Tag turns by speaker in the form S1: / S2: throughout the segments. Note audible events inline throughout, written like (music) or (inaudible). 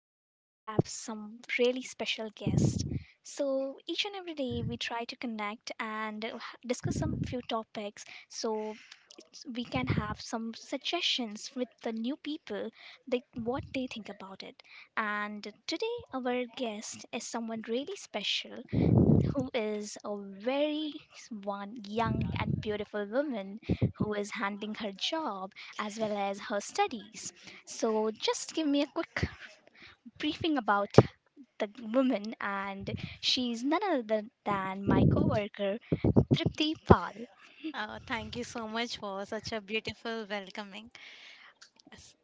S1: today we have some really special guests. So each and every day we try to connect and discuss some few topics so we can have some suggestions with the new people that what they think about it. And today our guest is someone really special who is a very one young and beautiful woman who is handling her job as well as her studies. So, just give me a quick briefing about the woman, and she's none other than my coworker Tripti Pal.
S2: Thank you so much for such a beautiful welcoming. Yes.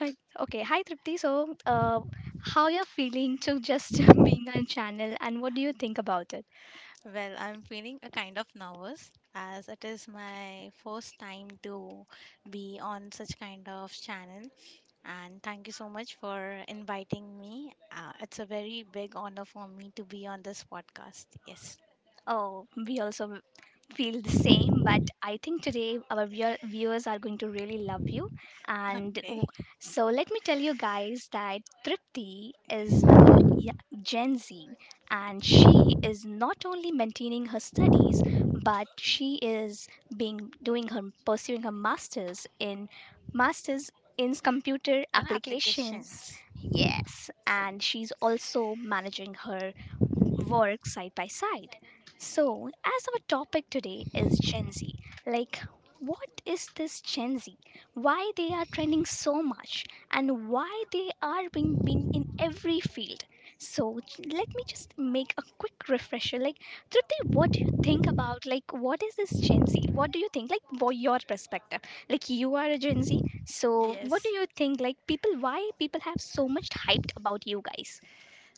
S1: Hi, okay, hi Tripti. So, how you're feeling to just (laughs) being on channel, and what do you think about it?
S2: Well, I'm feeling a kind of nervous as it is my first time to be on such kind of channel. And thank you so much for inviting me. It's a very big honor for me to be on this podcast. Yes.
S1: Oh, we also feel the same, but I think today our viewers are going to really love you.
S2: (laughs)
S1: And
S2: Okay.
S1: w- so let me tell you guys that Tripti is the y- Gen Z, and she is not only maintaining her studies but she is being doing her pursuing her masters in masters in computer applications.
S2: Applications.
S1: Yes, and she's also managing her work side by side. So, as our topic today is Gen Z, like what is this Gen Z? Why they are trending so much and why they are being in every field. So, let me just make a quick refresher. Like, Trupti, what do you think about like what is this Gen Z? What do you think like for your perspective? Like you are a Gen Z, so what do
S2: Yes.
S1: you think like people why people have so much hyped about you guys?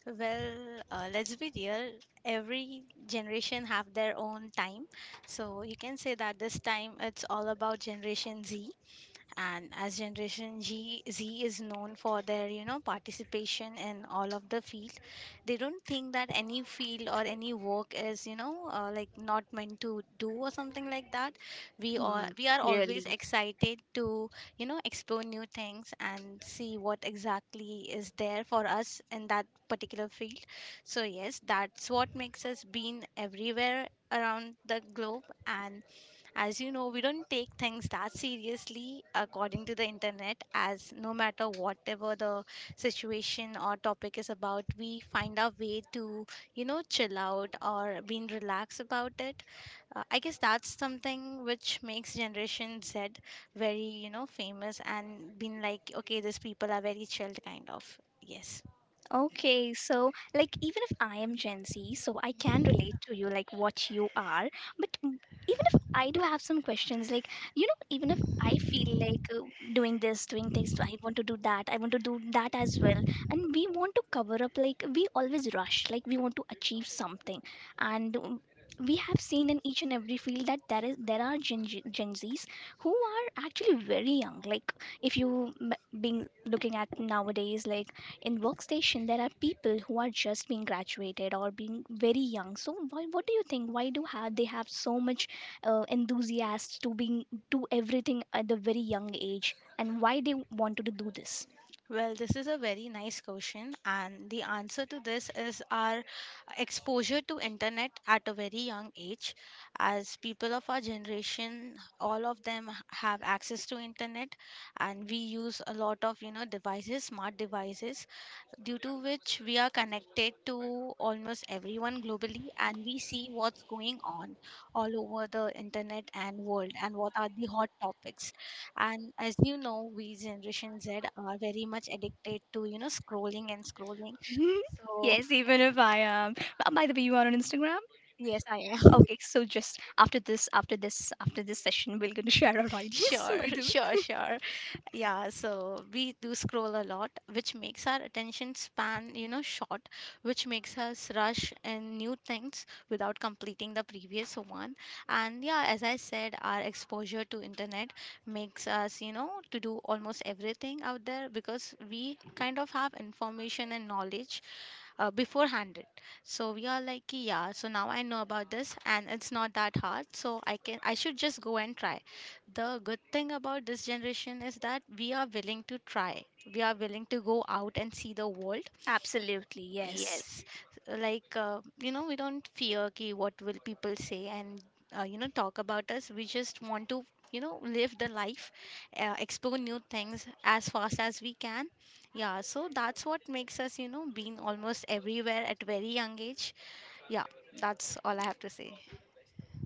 S2: Well, let's be real. Every generation have their own time, so you can say that this time it's all about Generation Z, and as Generation Z is known for their participation in all of the field. They don't think that any field or any work is like not meant to do or something like that. we are
S1: Hmm,
S2: we are always
S1: really.
S2: excited to explore new things and see what exactly is there for us in that particular field. So yes, that's what makes us being everywhere around the globe. And as you know,
S1: No, we
S2: we
S1: don't
S2: don't
S1: take
S2: take
S1: things
S2: things that
S1: that seriously
S2: seriously
S1: according
S2: according
S1: to
S2: to the
S1: the internet
S2: internet.
S1: as
S2: As
S1: we
S2: no matter whatever the situation or topic is about, we
S1: find
S2: find
S1: out
S2: our way to, chill out or being relaxed about it. I guess that's something which makes
S1: you can
S2: Generation
S1: said,
S2: Z very,
S1: you know
S2: famous and
S1: famous.
S2: being like, okay, these people are very chilled, kind of. Yes.
S1: Okay, so like even if I am Gen Z, so I can relate to you like what you are, but even if I do have some questions, like you know, even if I feel like doing this, doing things, I want to do that, I want to do that as well, and we want to cover up, like we always rush, like we want to achieve something, and we have seen in each and every field that there are Gen Zs who are actually very young, like if you being looking at nowadays like in workstation there are people who are just being graduated or being very young so why, what do you think why do have they have so much enthusiasts to being do everything at a very young age and why they wanted to do this.
S2: Well, this is a very nice question, and the answer to this is our exposure to internet at a very young age. As people of our generation, all of them have access to internet, and we use a lot of devices, smart devices, due to which we are connected to almost everyone globally, and we see what's going on all over the internet and world and what are the hot topics. And as you know, we Generation Z are very much addicted to scrolling and scrolling.
S1: (laughs)
S2: So
S1: Yes, even if I am. By the way, you are on Instagram?
S2: yes, I am.
S1: Okay, so just after this, session, we're going to (laughs) share our
S2: (laughs)
S1: IDs. (laughs)
S2: Sure,
S1: By the
S2: sure,
S1: way.
S2: sure. Yeah, so we do scroll a lot, which makes our attention span, short, which makes us rush in new things without completing the previous one. And yeah, as I said, our exposure to internet makes us, to do almost everything out there, because we kind of have information and knowledge beforehand it. So we are like, "Ki, yeah, so now I know about this and it's not that hard, so I should just go and try. The good thing about this generation is that we are willing to try. We are willing to go out and see the world."
S1: Absolutely, yes.
S2: Yes, like we don't fear ki what will people say and talk about us. We just want to live the life, explore new things as fast as we can. Yeah, so that's what makes us being almost everywhere at very young age. Yeah, that's all I have to say.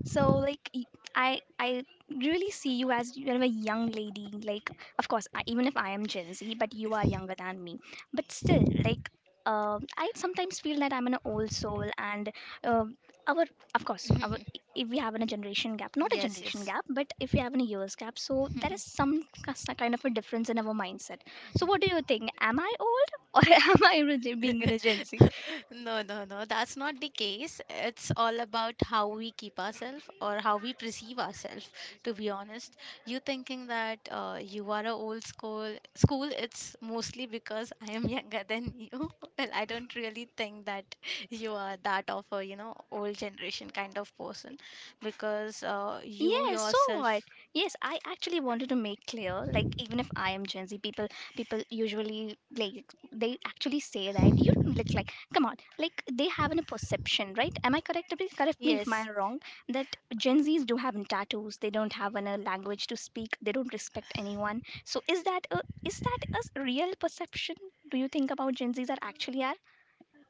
S1: So like I really see you as you're a young lady. Like of course, I, even if I am Gen Z, but you are younger than me. But still, like I sometimes feel that I'm an old soul, and uh, our of course, our, if we have a generation gap, not a
S2: Yes,
S1: generation
S2: yes.
S1: gap, but if we have a years gap, so there is some kind of a difference in our mindset. So what do you think? Am I old (laughs) or am I being a Gen Z?
S2: No, no, no, that's not the case. It's all about how we keep ourselves or how we perceive ourselves, to be honest. You thinking that you are a old school, it's mostly because I am (laughs) younger than you. (laughs) Well, I don't really think that you are that of a, old generation kind of person, because you
S1: Yes, so what?
S2: yourself,
S1: Yes, I actually wanted to make clear, like even if I am Gen Z, people usually like they actually say that you don't look like come on, like they have a perception, right? Am I correct? Please correct me if
S2: yes.
S1: I'm wrong. That Gen Zs don't have any tattoos, they don't have a language to speak, they don't respect anyone. So is that a real perception? Do you think about Gen Zs are actually are?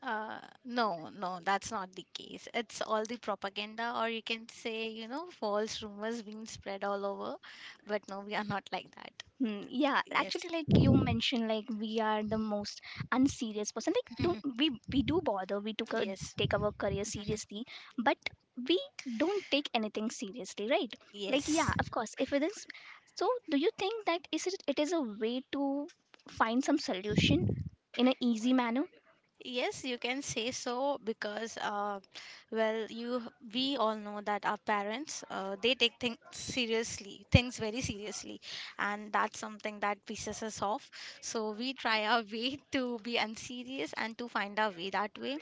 S2: Uh, no, no, that's not the case. It's all the propaganda, or you can say, false rumors being spread all over. But no, we are not like that.
S1: Hmm, yeah,
S2: Yes,
S1: actually, like you mentioned, like we are the most unserious person. Like, don't
S2: (laughs)
S1: we do bother? We
S2: yes,
S1: take our career seriously, but we don't take anything seriously, right? Like,
S2: yes.
S1: yeah, of course. If it is, so do you think that is it? It is a way to find some solution in an easy manner.
S2: Yes, you can say so because, well, you we all know that our parents they take things seriously, things very seriously, and that's something that pisses us off. So we try our way (laughs) to be unserious and to find our way that way,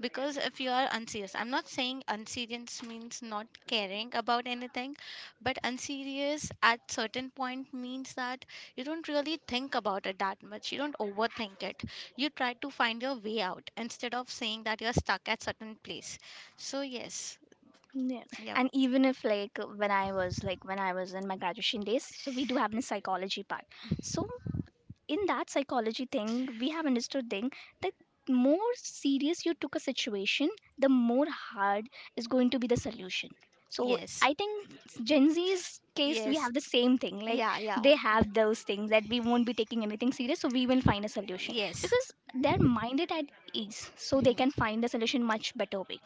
S2: because if you are unserious, I'm not saying unserious means not caring about anything, but unserious at certain point means that you don't really think about it that much, you don't overthink it. You try to find your way out instead of saying that you're stuck at certain place. So yes.
S1: Yeah.
S2: Yep.
S1: And even if like when I was in my graduation days, so we do have a psychology part. So in that psychology thing we have understood thing that more serious you took a situation the more hard is going to be the solution. So
S2: Yes,
S1: I think Gen Z's case we
S2: yes.
S1: have the same thing like
S2: Yeah, yeah.
S1: they have those things that we won't be taking anything serious so we will find a solution
S2: Yes.
S1: because they're minded at ease so they
S2: Mhm.
S1: can find the solution much better way.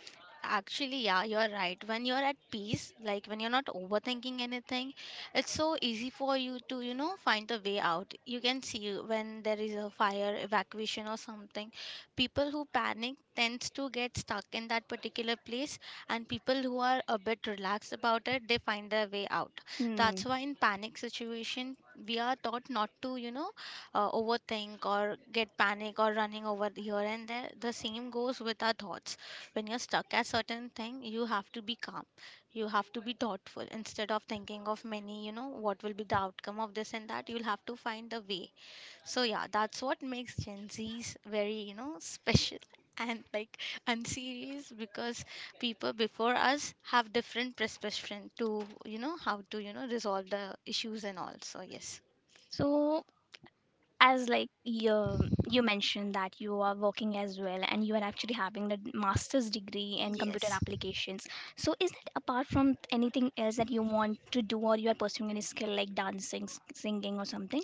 S2: Actually, yeah, you're right. When you're at peace, like when you're not overthinking anything, it's so easy for you to, find the way out. You can see when there is a fire evacuation or something. People who panic tends to get stuck in that particular place, and people who are a bit relaxed about it, they find their way out.
S1: Hmm.
S2: That's why in panic situation, we are taught not to, overthink or get panic or running over here and there. The same goes with our thoughts. When you're stuck at certain thing, you have to be calm. You have to be thoughtful instead of thinking of many, what will be the outcome of this and that. You'll have to find a way. So yeah, that's what makes Gen Z's very, special (laughs) and like unserious, because people before us have different perception to how to resolve the issues and all. So yes,
S1: So as like you mentioned that you are working as well and you are actually having a master's degree in computer
S2: yes.
S1: applications. So is it apart from anything else that you want to do or you are pursuing any skill like dancing singing or something?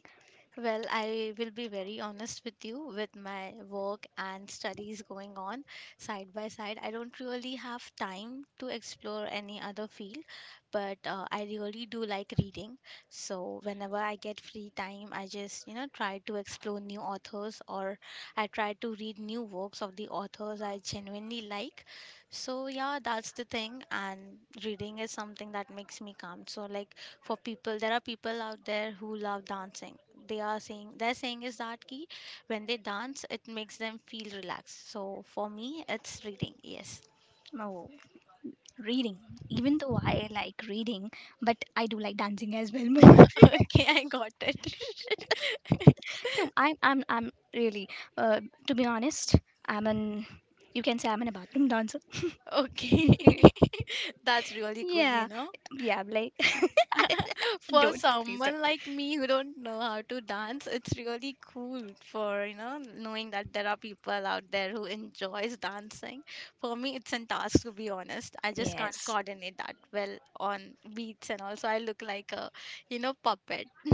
S2: Well, I will be very honest with you. With my work and studies going on side by side, I don't really have time to explore any other field, but I really do like reading. So whenever I get free time, I just, try to explore new authors, or I try to read new works of the authors I genuinely like. So yeah, that's the thing. And reading is something that makes me calm. So, like, there are people out there who love dancing. They are saying, their saying is that ki when they dance it makes them feel relaxed. So for me, it's reading. Yes.
S1: No, reading. Even though I like reading but I do like dancing as well more.
S2: (laughs) Okay, I got it.
S1: (laughs) No, I'm really uh, to be honest I'm an you can say I'm an a bathroom dancer.
S2: (laughs) Okay.
S1: (laughs)
S2: (laughs) That's really cool you
S1: Yeah,
S2: know
S1: yeah, like
S2: For
S1: don't, please don't.
S2: someone like me who don't know how to dance, it's really cool for knowing that there are people out there who enjoys dancing. For me, it's a task, to be honest. I just can't
S1: Yes.
S2: coordinate that well on beats, and also I look like a, puppet (laughs)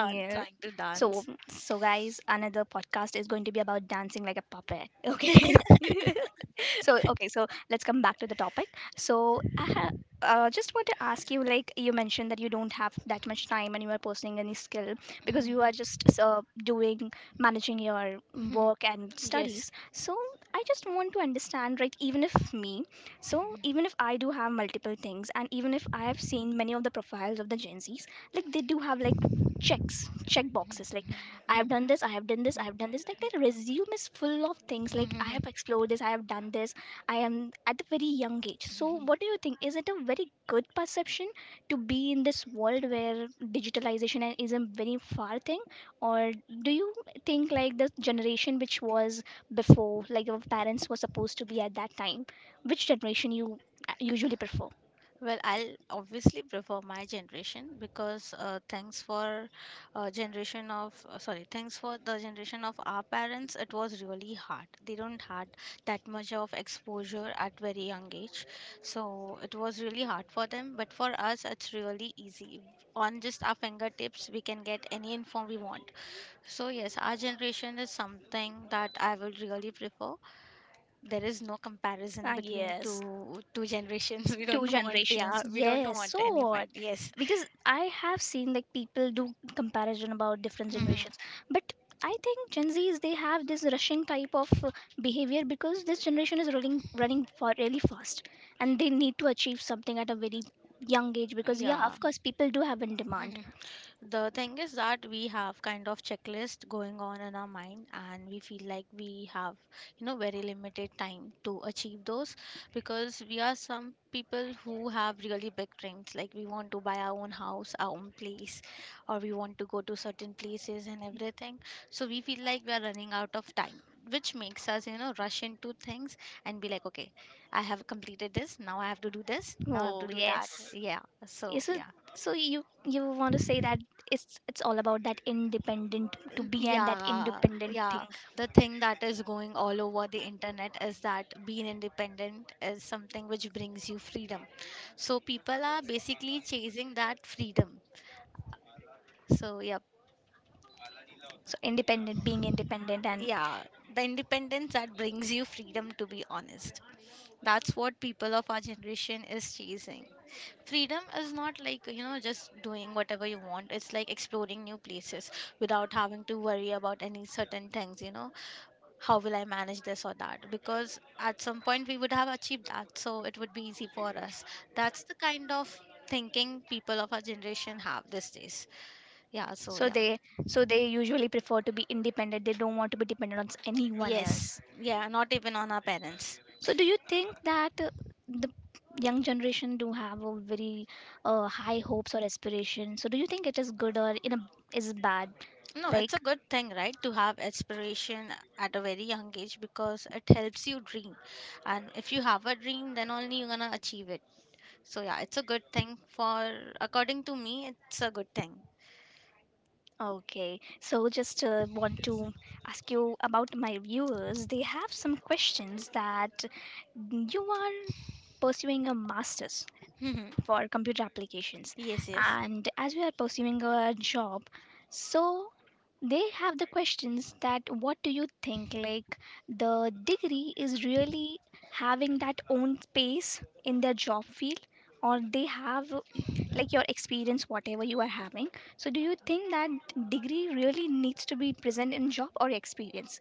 S2: dance trying to
S1: So
S2: dance.
S1: guys, another podcast is going to be about dancing like a puppet. Okay. (laughs) So okay so let's come back to the topic so just want to ask you like you mentioned that you don't have that much time and you are pursuing any skill because you are just doing managing your work and
S2: (laughs) Yes.
S1: studies. So I just want to understand right even if me so even if I do have multiple things and even if I have seen many of the profiles of the Gen Z's like they do have like check boxes like I've done this, I have done this, I've done this. Like their resume is full of things like I have explored this, I have done this, I am at a very young age. So, what do you think? Is it a very good perception to be in this world
S2: (laughs)
S1: where digitalization and is a very far thing? Or do you think like the generation which was before, like your parents were supposed to be at that time, which generation you usually prefer?
S2: Well, I'll obviously prefer my generation, because thanks for the generation of our parents, it was really hard. They don't had that much of exposure at very young age, so it was really hard for them. But for us, it's really easy. On just our fingertips, we can get any info we want. So yes, our generation is something that I will really prefer. There is no comparison
S1: Ah,
S2: between
S1: yes.
S2: two generations. (laughs) We
S1: Two
S2: don't want, yeah,
S1: generations,
S2: we don't
S1: yes
S2: want
S1: so
S2: any
S1: what
S2: fight. Yes.
S1: because I have seen like people do comparison about different
S2: Mhm.
S1: generations but I think Gen Z's they have this rushing type of behavior because this generation is running for really fast and they need to achieve something at a very young age because yeah
S2: Yeah.
S1: of course people do have in demand.
S2: (laughs) The thing is that we have kind of checklist going on in our mind, and we feel like we have, very limited time to achieve those, because we are some people who have really big dreams. Like, we want to buy our own house, our own place, or we want to go to certain places and everything. So we feel like we are running out of time, which makes us, rush into things and be like, okay, I have completed this. Now I have to do this. Now I have to
S1: Oh
S2: do that.
S1: yes.
S2: Yeah.
S1: Yeah,
S2: So,
S1: so
S2: yeah.
S1: you want to say that it's all about that independent to be and that
S2: Yeah,
S1: independent
S2: yeah.
S1: thing.
S2: The thing that is going all over the internet is that being independent is something which brings you freedom. So people are basically chasing that freedom. So, yep,
S1: So independent, being independent, and
S2: yeah, the independence that brings you freedom, to be honest. That's what people of our generation is chasing. Freedom is not like, just doing whatever you want. It's like exploring new places without having to worry about any certain things, you know how will I manage this or that? Because at some point we would have achieved that, so it would be easy for us. That's the kind of thinking people of our generation have these days. Yeah, so
S1: so
S2: yeah.
S1: they so they usually prefer to be independent. They don't want to be dependent on anyone
S2: Yes,
S1: else.
S2: yeah, not even on our parents.
S1: So do you think that the young generation do have a very high hopes or aspirations? So do you think it is good or in a is bad?
S2: No, it's a
S1: Like
S2: good thing, right, to have aspiration at a very young age, because it helps you dream. And if you have a dream, then only you're gonna achieve it. So yeah, it's a good thing for, according to me, it's a good thing.
S1: okay, so just want to ask you about my viewers. They have some questions that you are pursuing a master's
S2: (laughs)
S1: for computer applications.
S2: Yes, yes.
S1: And as we are pursuing a job so they have the questions that what do you think like the degree is really having that own space in their job field or they have like your experience whatever you are having. So do you think that degree really needs to be present in job or experience?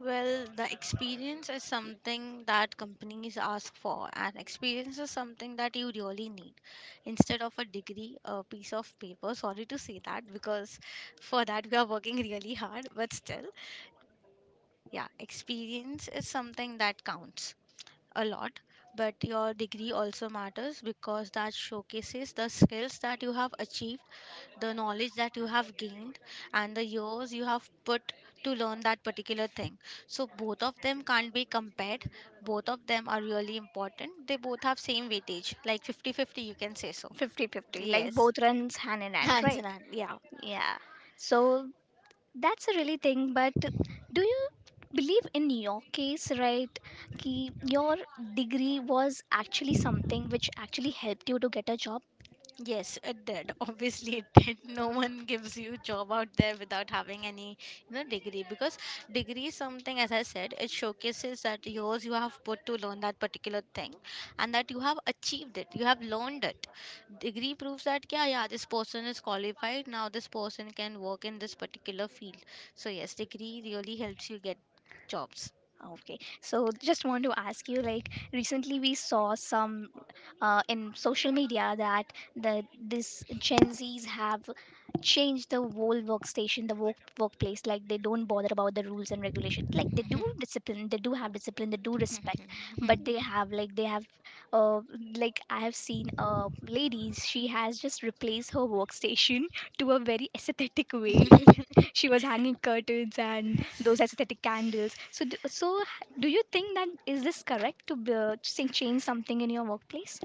S2: Well, the experience is something that companies ask for, and experience is something that you really need instead of a degree, a piece of paper. Sorry to say that, because for that we are working really hard, but still, yeah, experience is something that counts a lot, but your degree also matters, because that showcases the skills that you have achieved, the knowledge that you have gained, and the years you have put to learn that particular thing. So both of them can't be compared. Both of them are really important. They both have same weightage, like 50/50, you can say so.
S1: 50-50, like
S2: Yes.
S1: both runs hand in
S2: (laughs)
S1: hand
S2: Hands
S1: right?
S2: in hand. Yeah.
S1: Yeah so that's a really thing, but do you believe in your case, right? Ki your degree was actually something which actually helped you to get a job?
S2: Yes, it did. (laughs) Obviously, it did. No one gives you job out there without having any, degree because degree is something, as I said, it showcases that yours you have put to learn that particular thing, and that you have achieved it. You have learned it. Degree proves that yeah, yeah, this person is qualified. Now this person can work in this particular field. So yes, degree really helps you get jobs.
S1: Okay, so just want to ask you like recently we saw some in social media that the this Gen Zs have changed the whole workstation, the workplace. Like they don't bother about the rules and regulations. Like they do discipline, they do have discipline, they do respect, but they have uh like I have seen a ladies. She has just replaced her workstation (laughs) to a very aesthetic way. (laughs) She was hanging curtains and those aesthetic candles so so do you think that is this correct to change something in your workplace?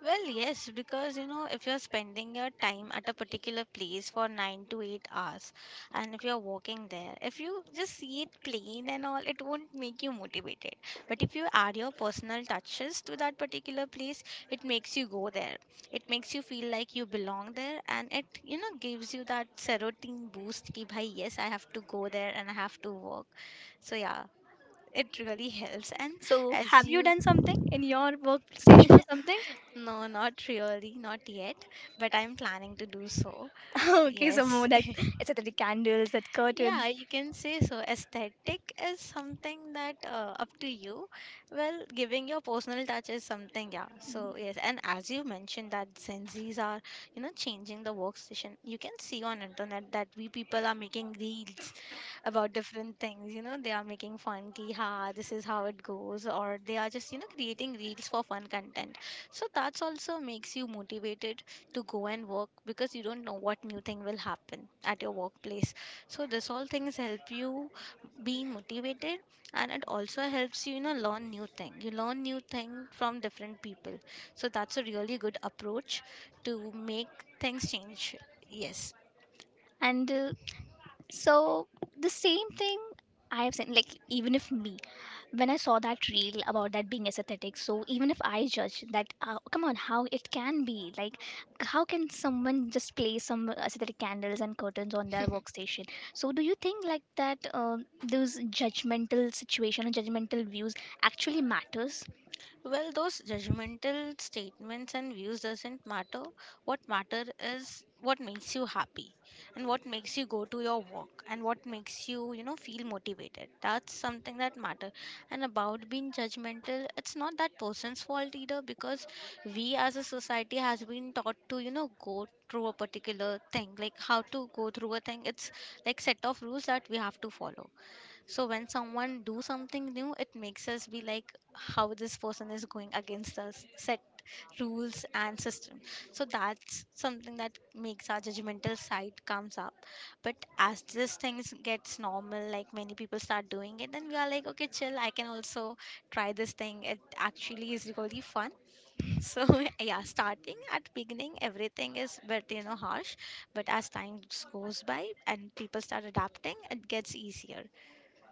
S2: Well, yes, because if you're spending your time at a particular place for 9 to 8 hours, and if you're walking there, if you just see it plain and all, it won't make you motivated. But if you add your personal touches to that particular place, it makes you go there. It makes you feel like you belong there, and it gives you that serotonin boost. Ki, bhai, yes, I have to go there and I have to work. So yeah, it really helps. And
S1: So
S2: as
S1: have you
S2: you
S1: done something in your workstation or something?
S2: no, not really, not yet, but I'm planning to do so.
S1: (laughs) Okay so
S2: Yes.
S1: more like
S2: (laughs)
S1: aesthetic candles that curtains
S2: Yeah, you can say so. Aesthetic is something that up to you. Well, giving your personal touch is something, yeah. So, yes, and as you mentioned that Gen Zs are, changing the workstation. You can see on internet that we people are making reels about different things. You know, they are making fun, ki ha, this is how it goes, or they are just, creating reels for fun content. So that's also makes you motivated to go and work because you don't know what new thing will happen at your workplace. So this all things help you being motivated, and it also helps you, learn new thing. You learn new thing from different people. So that's a really good approach to make things change. Yes.
S1: and so the same thing I have seen, like even if me, when I saw that reel about that being aesthetic, so even if I judge that, come on, how it can be like, how can someone just place some aesthetic candles and curtains on their workstation? So do you think like that those judgmental situation or judgmental views actually matters?
S2: Well, those judgmental statements and views doesn't matter. What matter is what makes you happy and what makes you go to your work and what makes you, feel motivated. That's something that matter. And about being judgmental, it's not that person's fault either because we as a society has been taught to, go through a particular thing, like how to go through a thing. It's like set of rules that we have to follow. So when someone do something new, it makes us be like how this person is going against us set rules and system. So that's something that makes our judgmental side comes up. But as this things gets normal, like many people start doing it, then we are like okay, chill, I can also try this thing. It actually is really fun. So (laughs) yeah, starting at beginning everything is but harsh. But as time goes by and people start adapting, it gets easier.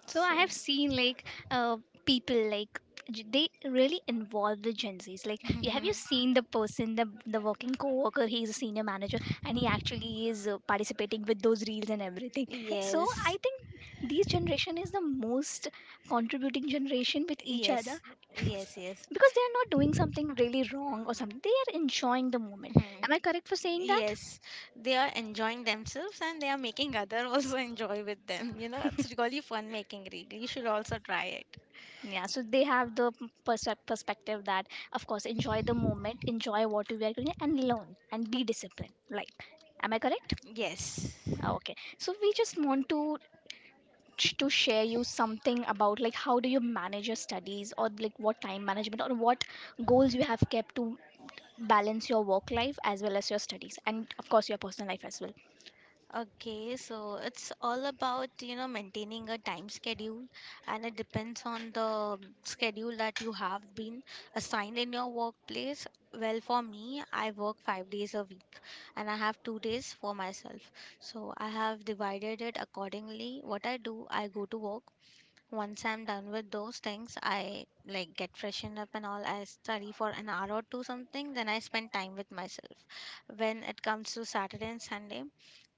S1: So I
S2: So yeah.
S1: have seen uh, people they really involve the Gen Zs. Like, have you
S2: (laughs)
S1: seen the person, the working coworker? He is a senior manager, and he actually is participating with those reels and everything. (laughs) So
S2: Yes,
S1: I think this generation is the most contributing generation with each other.
S2: yes,
S1: (laughs)
S2: yes, yes.
S1: Because they are not doing something really wrong or something, they are enjoying the moment.
S2: (laughs) Mhm.
S1: Am I correct for saying that?
S2: Yes, they are enjoying themselves and they are making other (laughs) also enjoy with them. It's really fun making reel. You should also try it.
S1: Yeah, so they have the perspective that, of course, enjoy the moment, enjoy what we are doing, and learn and be disciplined. Like, am I correct?
S2: Yes.
S1: Ah, okay. So we just want to to share you something about like how do you manage your studies, or like what time management or what goals you have kept to balance your work life as well as your studies and of course your personal life as well.
S2: Okay, so it's all about, maintaining a time schedule, and it depends on the schedule that you have been assigned in your workplace. Well, for me, I work 5 days a week and I have 2 days for myself. So I have divided it accordingly. What I do, I go to work. Once I'm done with those things, I like get freshened up and all. I study for an hour or two something, then I spend time with myself. When it comes to Saturday and Sunday,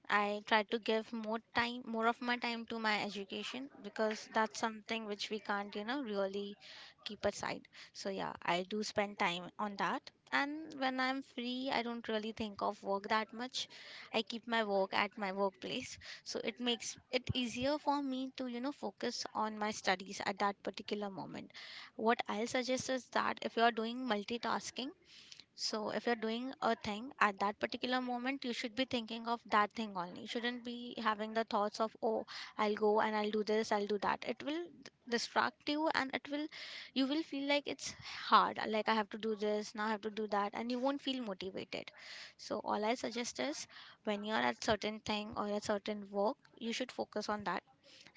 S2: I try to give more time, more of my time to my education because that's something which we can't, really keep aside. So, yeah, I do spend time on that. And when I'm free, I don't really think of work that much. I keep my work at my workplace. So, it makes it easier for me to, focus on my studies at that particular moment. What I'll suggest is that if you are doing multitasking, so
S1: So if
S2: if you're
S1: you're doing a
S2: doing a
S1: thing
S2: thing
S1: at
S2: at
S1: that
S2: that particular
S1: particular
S2: moment,
S1: moment, you
S2: you should
S1: should be
S2: be
S1: thinking
S2: thinking
S1: of
S2: of that
S1: that thing
S2: thing only. You
S1: only. You
S2: shouldn't
S1: shouldn't
S2: be
S1: be having
S2: having the
S1: the thoughts
S2: thoughts
S1: of
S2: of, oh,
S1: I
S2: I'll
S1: will do
S2: go
S1: that
S2: and I'll
S1: with
S2: do
S1: this,
S2: this,
S1: I
S2: I'll
S1: will
S2: do
S1: do that.
S2: that.
S1: It
S2: It will
S1: will distract
S2: distract
S1: you
S2: you,
S1: and
S2: and it will, you
S1: you
S2: will
S1: will
S2: feel
S1: feel like
S2: like it's
S1: it's
S2: hard.
S1: hard.
S2: Like
S1: Like
S2: I
S1: I have
S2: have to
S1: to do
S2: do
S1: this,
S2: this, now
S1: I
S2: I have
S1: have
S2: to
S1: to
S2: do
S1: do that,
S2: that,
S1: and
S2: and you
S1: you won't
S2: won't
S1: feel
S2: feel
S1: motivated.
S2: motivated. So
S1: So all
S2: all I
S1: I suggest
S2: suggest
S1: is
S2: is
S1: when
S2: when you're
S1: you're at
S2: at
S1: certain
S2: certain
S1: thing
S2: thing or
S1: or
S2: a
S1: a certain
S2: certain
S1: work,
S2: work, you
S1: you
S2: should
S1: should
S2: focus
S1: focus on
S2: on that.
S1: that.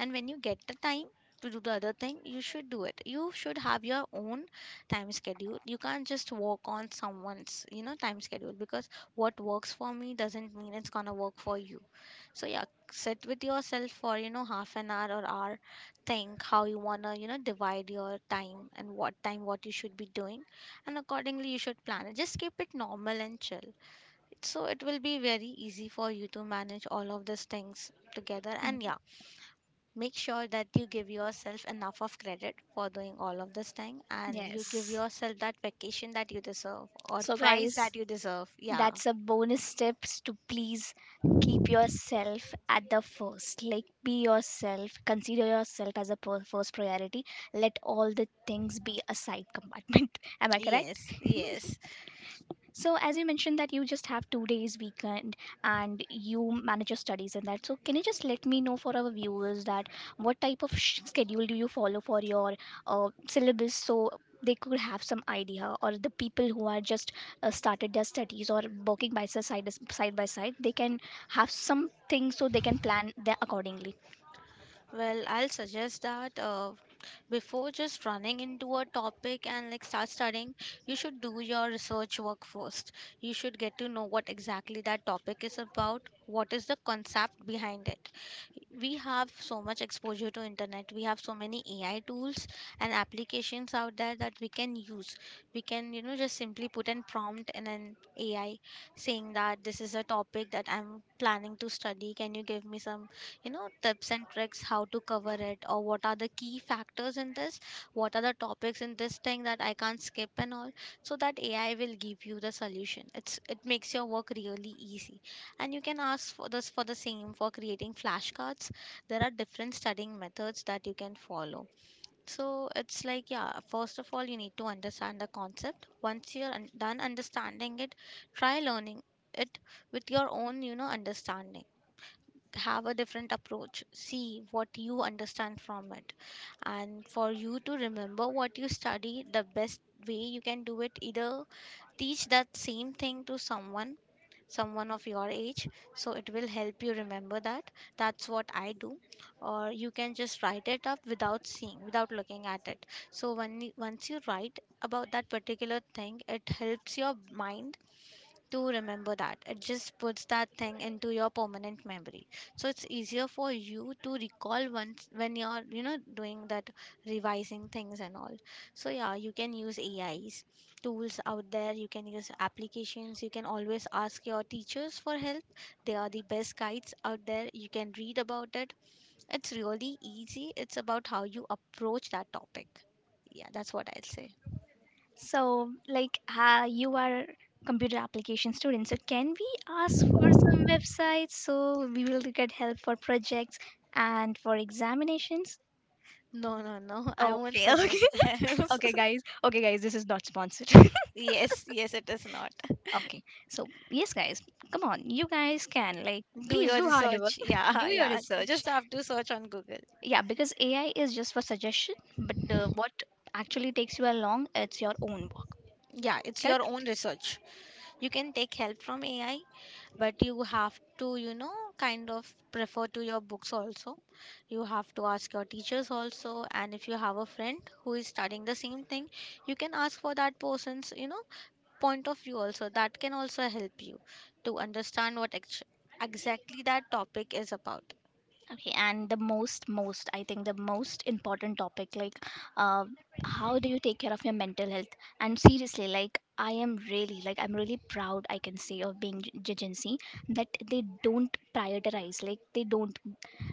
S1: And when
S2: when you
S1: you
S2: get
S1: get
S2: the
S1: the time
S2: time
S1: to
S2: to do the other thing,
S1: do the
S2: you
S1: other
S2: should do
S1: thing, you should do it.
S2: it. You
S1: You should
S2: should have
S1: have your
S2: your own time schedule. You can't just work on someone's time schedule, because what works for me doesn't mean it's gonna work for you. So yeah, sit with yourself for half an hour or hour, think how you wanna divide your time and what time what you should be doing, and accordingly you should plan it. Just keep it normal and chill, so it will be very easy for you to manage all of these things together. And yeah,
S1: Mm.
S2: make sure that you give yourself enough of credit for doing all of this thing, and you give
S1: Yes.
S2: yourself that vacation that you deserve or
S1: So,
S2: prize
S1: guys,
S2: that you deserve. Yeah,
S1: that's a bonus tips to please keep yourself at the first. Like, be yourself, consider yourself as a first priority. Let all the things be a side compartment. (laughs) Am I correct?
S2: yes,
S1: (laughs)
S2: yes.
S1: So, as you mentioned that you just have two days weekend and you manage your studies and that. So, can you just let me know for our viewers that what type of schedule do you follow for your syllabus, so they could have some idea, or the people who are just started their studies or working by side by side, they can have something so they can plan their accordingly.
S2: Well, I'll suggest that before just running into a topic and like start studying, you should do your research work first. You should get to know what exactly that topic is about, what is the concept behind it. We have so much exposure to internet. We have so many AI tools and applications out there that we can use. We can just simply put an prompt in an AI saying that this is a topic that I'm planning to study, can you give me some tips and tricks how to cover it, or what are the key factors in this, what are the topics in this thing that I can't skip and all. So that AI will give you the solution. It makes your work really easy. And you can ask for this for the same for creating flashcards. There are different studying methods that you can follow. So it's like, yeah, first of all, you need to understand the concept. Once you're done understanding it, try learning it with your own understanding. Have a different approach. See what you understand from it. And for you to remember what you study, the best way you can do it, either teach that same thing to someone, someone of your age, so it will help you remember that. That's what I do. Or you can just write it up without seeing, without looking at it. So when once you write about that particular thing, it helps your mind to remember that. It just puts that thing into your permanent memory. So it's easier for you to recall once when you're, doing that revising things and all. So yeah, you can use AIs tools out there. You can use applications. You can always ask your teachers for help. They are the best guides out there. You can read about it. It's really easy. It's about how you approach that topic. Yeah, that's what I'll say.
S1: So, like, you are computer application student. So, can we ask for some websites so we will get help for projects and for examinations?
S2: No, no, no. I won't
S1: Okay, (laughs)
S2: suggest
S1: okay,
S2: that. (laughs)
S1: guys. Okay, guys, this is not sponsored. (laughs)
S2: Yes, yes, it is not.
S1: Okay, so yes, guys, come on, you guys can like
S2: Do
S1: please
S2: your
S1: do hard work,
S2: research. Yeah, (laughs)
S1: do your
S2: yeah. You
S1: research.
S2: just have to search on Google.
S1: Yeah, because AI is just for suggestion, but what actually takes you along, it's your own
S2: Yeah, it's your own research. You can take help from AI, but you have to, kind of prefer to your books also. You have to ask your teachers also. And if you have a friend who is studying the same thing, you can ask for that person's, point of view also. That can also help you to understand what exactly that topic is about.
S1: Okay, and the most, I think the most important topic, like, uh, how do you take care of your mental health? And seriously, like, I am really, I'm really proud, I can say, of being Jigency that they don't prioritize, like, they don't,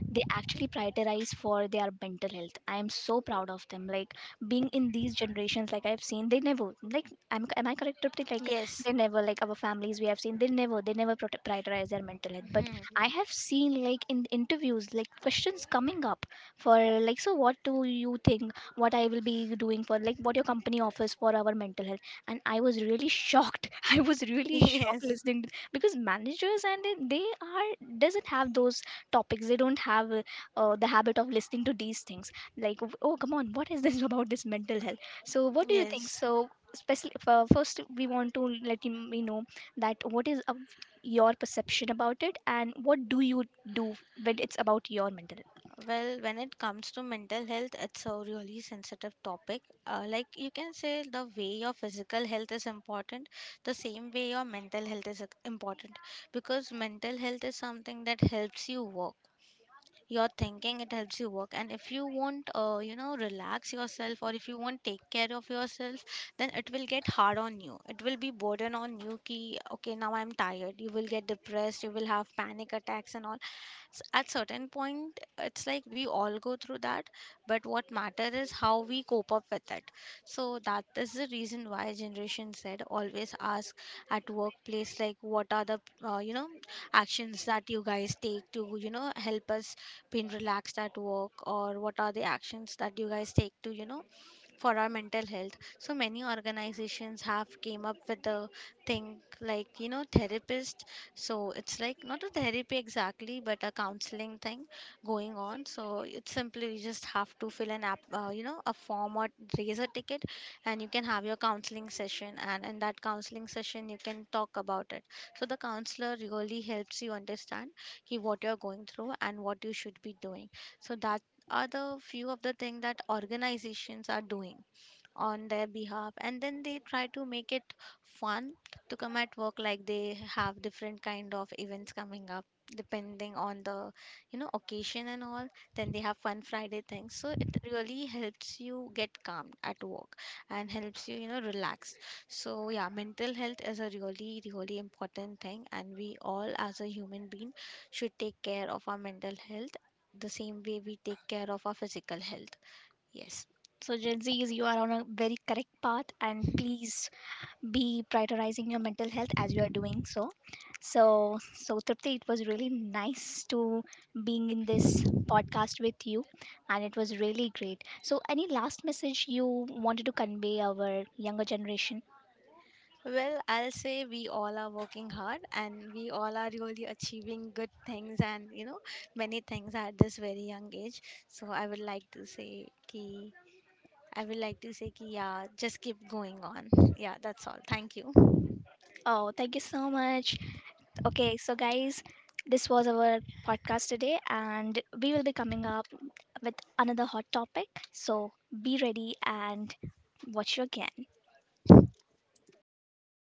S1: they actually prioritize for their mental health. I am so proud of them. Like, being in these generations, like, I've seen, they never, like, am I correct, Tripti? Like,
S2: Yes.
S1: they never, like, our families we have seen, they never, prioritize their mental health. But
S2: Mhm.
S1: I have seen like in interviews like questions coming up for like so what do you think what I will be doing for like what your company offers for our mental health, and I was really shocked. (laughs) I was really
S2: (laughs)
S1: shocked
S2: Yes.
S1: listening to, because managers and they are doesn't have those topics, they don't have the habit of listening to these things like oh come on what is this (laughs) about this mental health. So what do you think?
S2: Yes.
S1: So especially for, first we want to me know that what is your perception about it and what do you do when it's about your mental health?
S2: Well, when it comes to mental health, it's a really sensitive topic. Like you can say, the way your physical health is important, the same way your mental health is important, because mental health is something that helps you work your thinking. It helps you work, and if you won't relax yourself, or if you won't take care of yourself, then it will get hard on you. It will be burden on you. Ki, okay, now I'm tired, you will get depressed, you will have panic attacks, and all at certain point. It's like we all go through that, but what matter is how we cope up with it. So that is the reason why generation said always ask at workplace like what are the uh, you know actions that you guys take to help us been relaxed at work, or what are the actions that you guys take to for our mental health. So many organizations have came up with a thing like therapist. So it's like not a therapy exactly, but a counseling thing going on. So it's simply you just have to fill an app a form or raise a ticket, and you can have your counseling session, and in that counseling session you can talk about it. So the counselor really helps you understand ki what you're going through and what you should be doing. So that are the few of the thing that organizations are doing on their behalf, and then they try to make it fun to come at work. Like they have different kind of events coming up depending on the occasion and all. Then they have fun Friday things, so it really helps you get calm at work and helps you you know relax. So yeah, mental health is a really really important thing, and we all as a human being should take care of our mental health the same way we take care of our physical health. Yes.
S1: So Gen Zs, you are on a very correct path and please be prioritizing your mental health as you are doing so. So Tripti, it was really nice to being in this podcast with you, and it was really great. So any last message you wanted to convey our younger generation?
S2: Well, I'll say we all are working hard and we all are really achieving good things, and many things at this very young age. So I would like to say ki yeah, just keep going on. Yeah, that's all. Thank you.
S1: Oh, thank you so much. Okay, so guys, this was our podcast today and we will be coming up with another hot topic. So be ready and watch you again.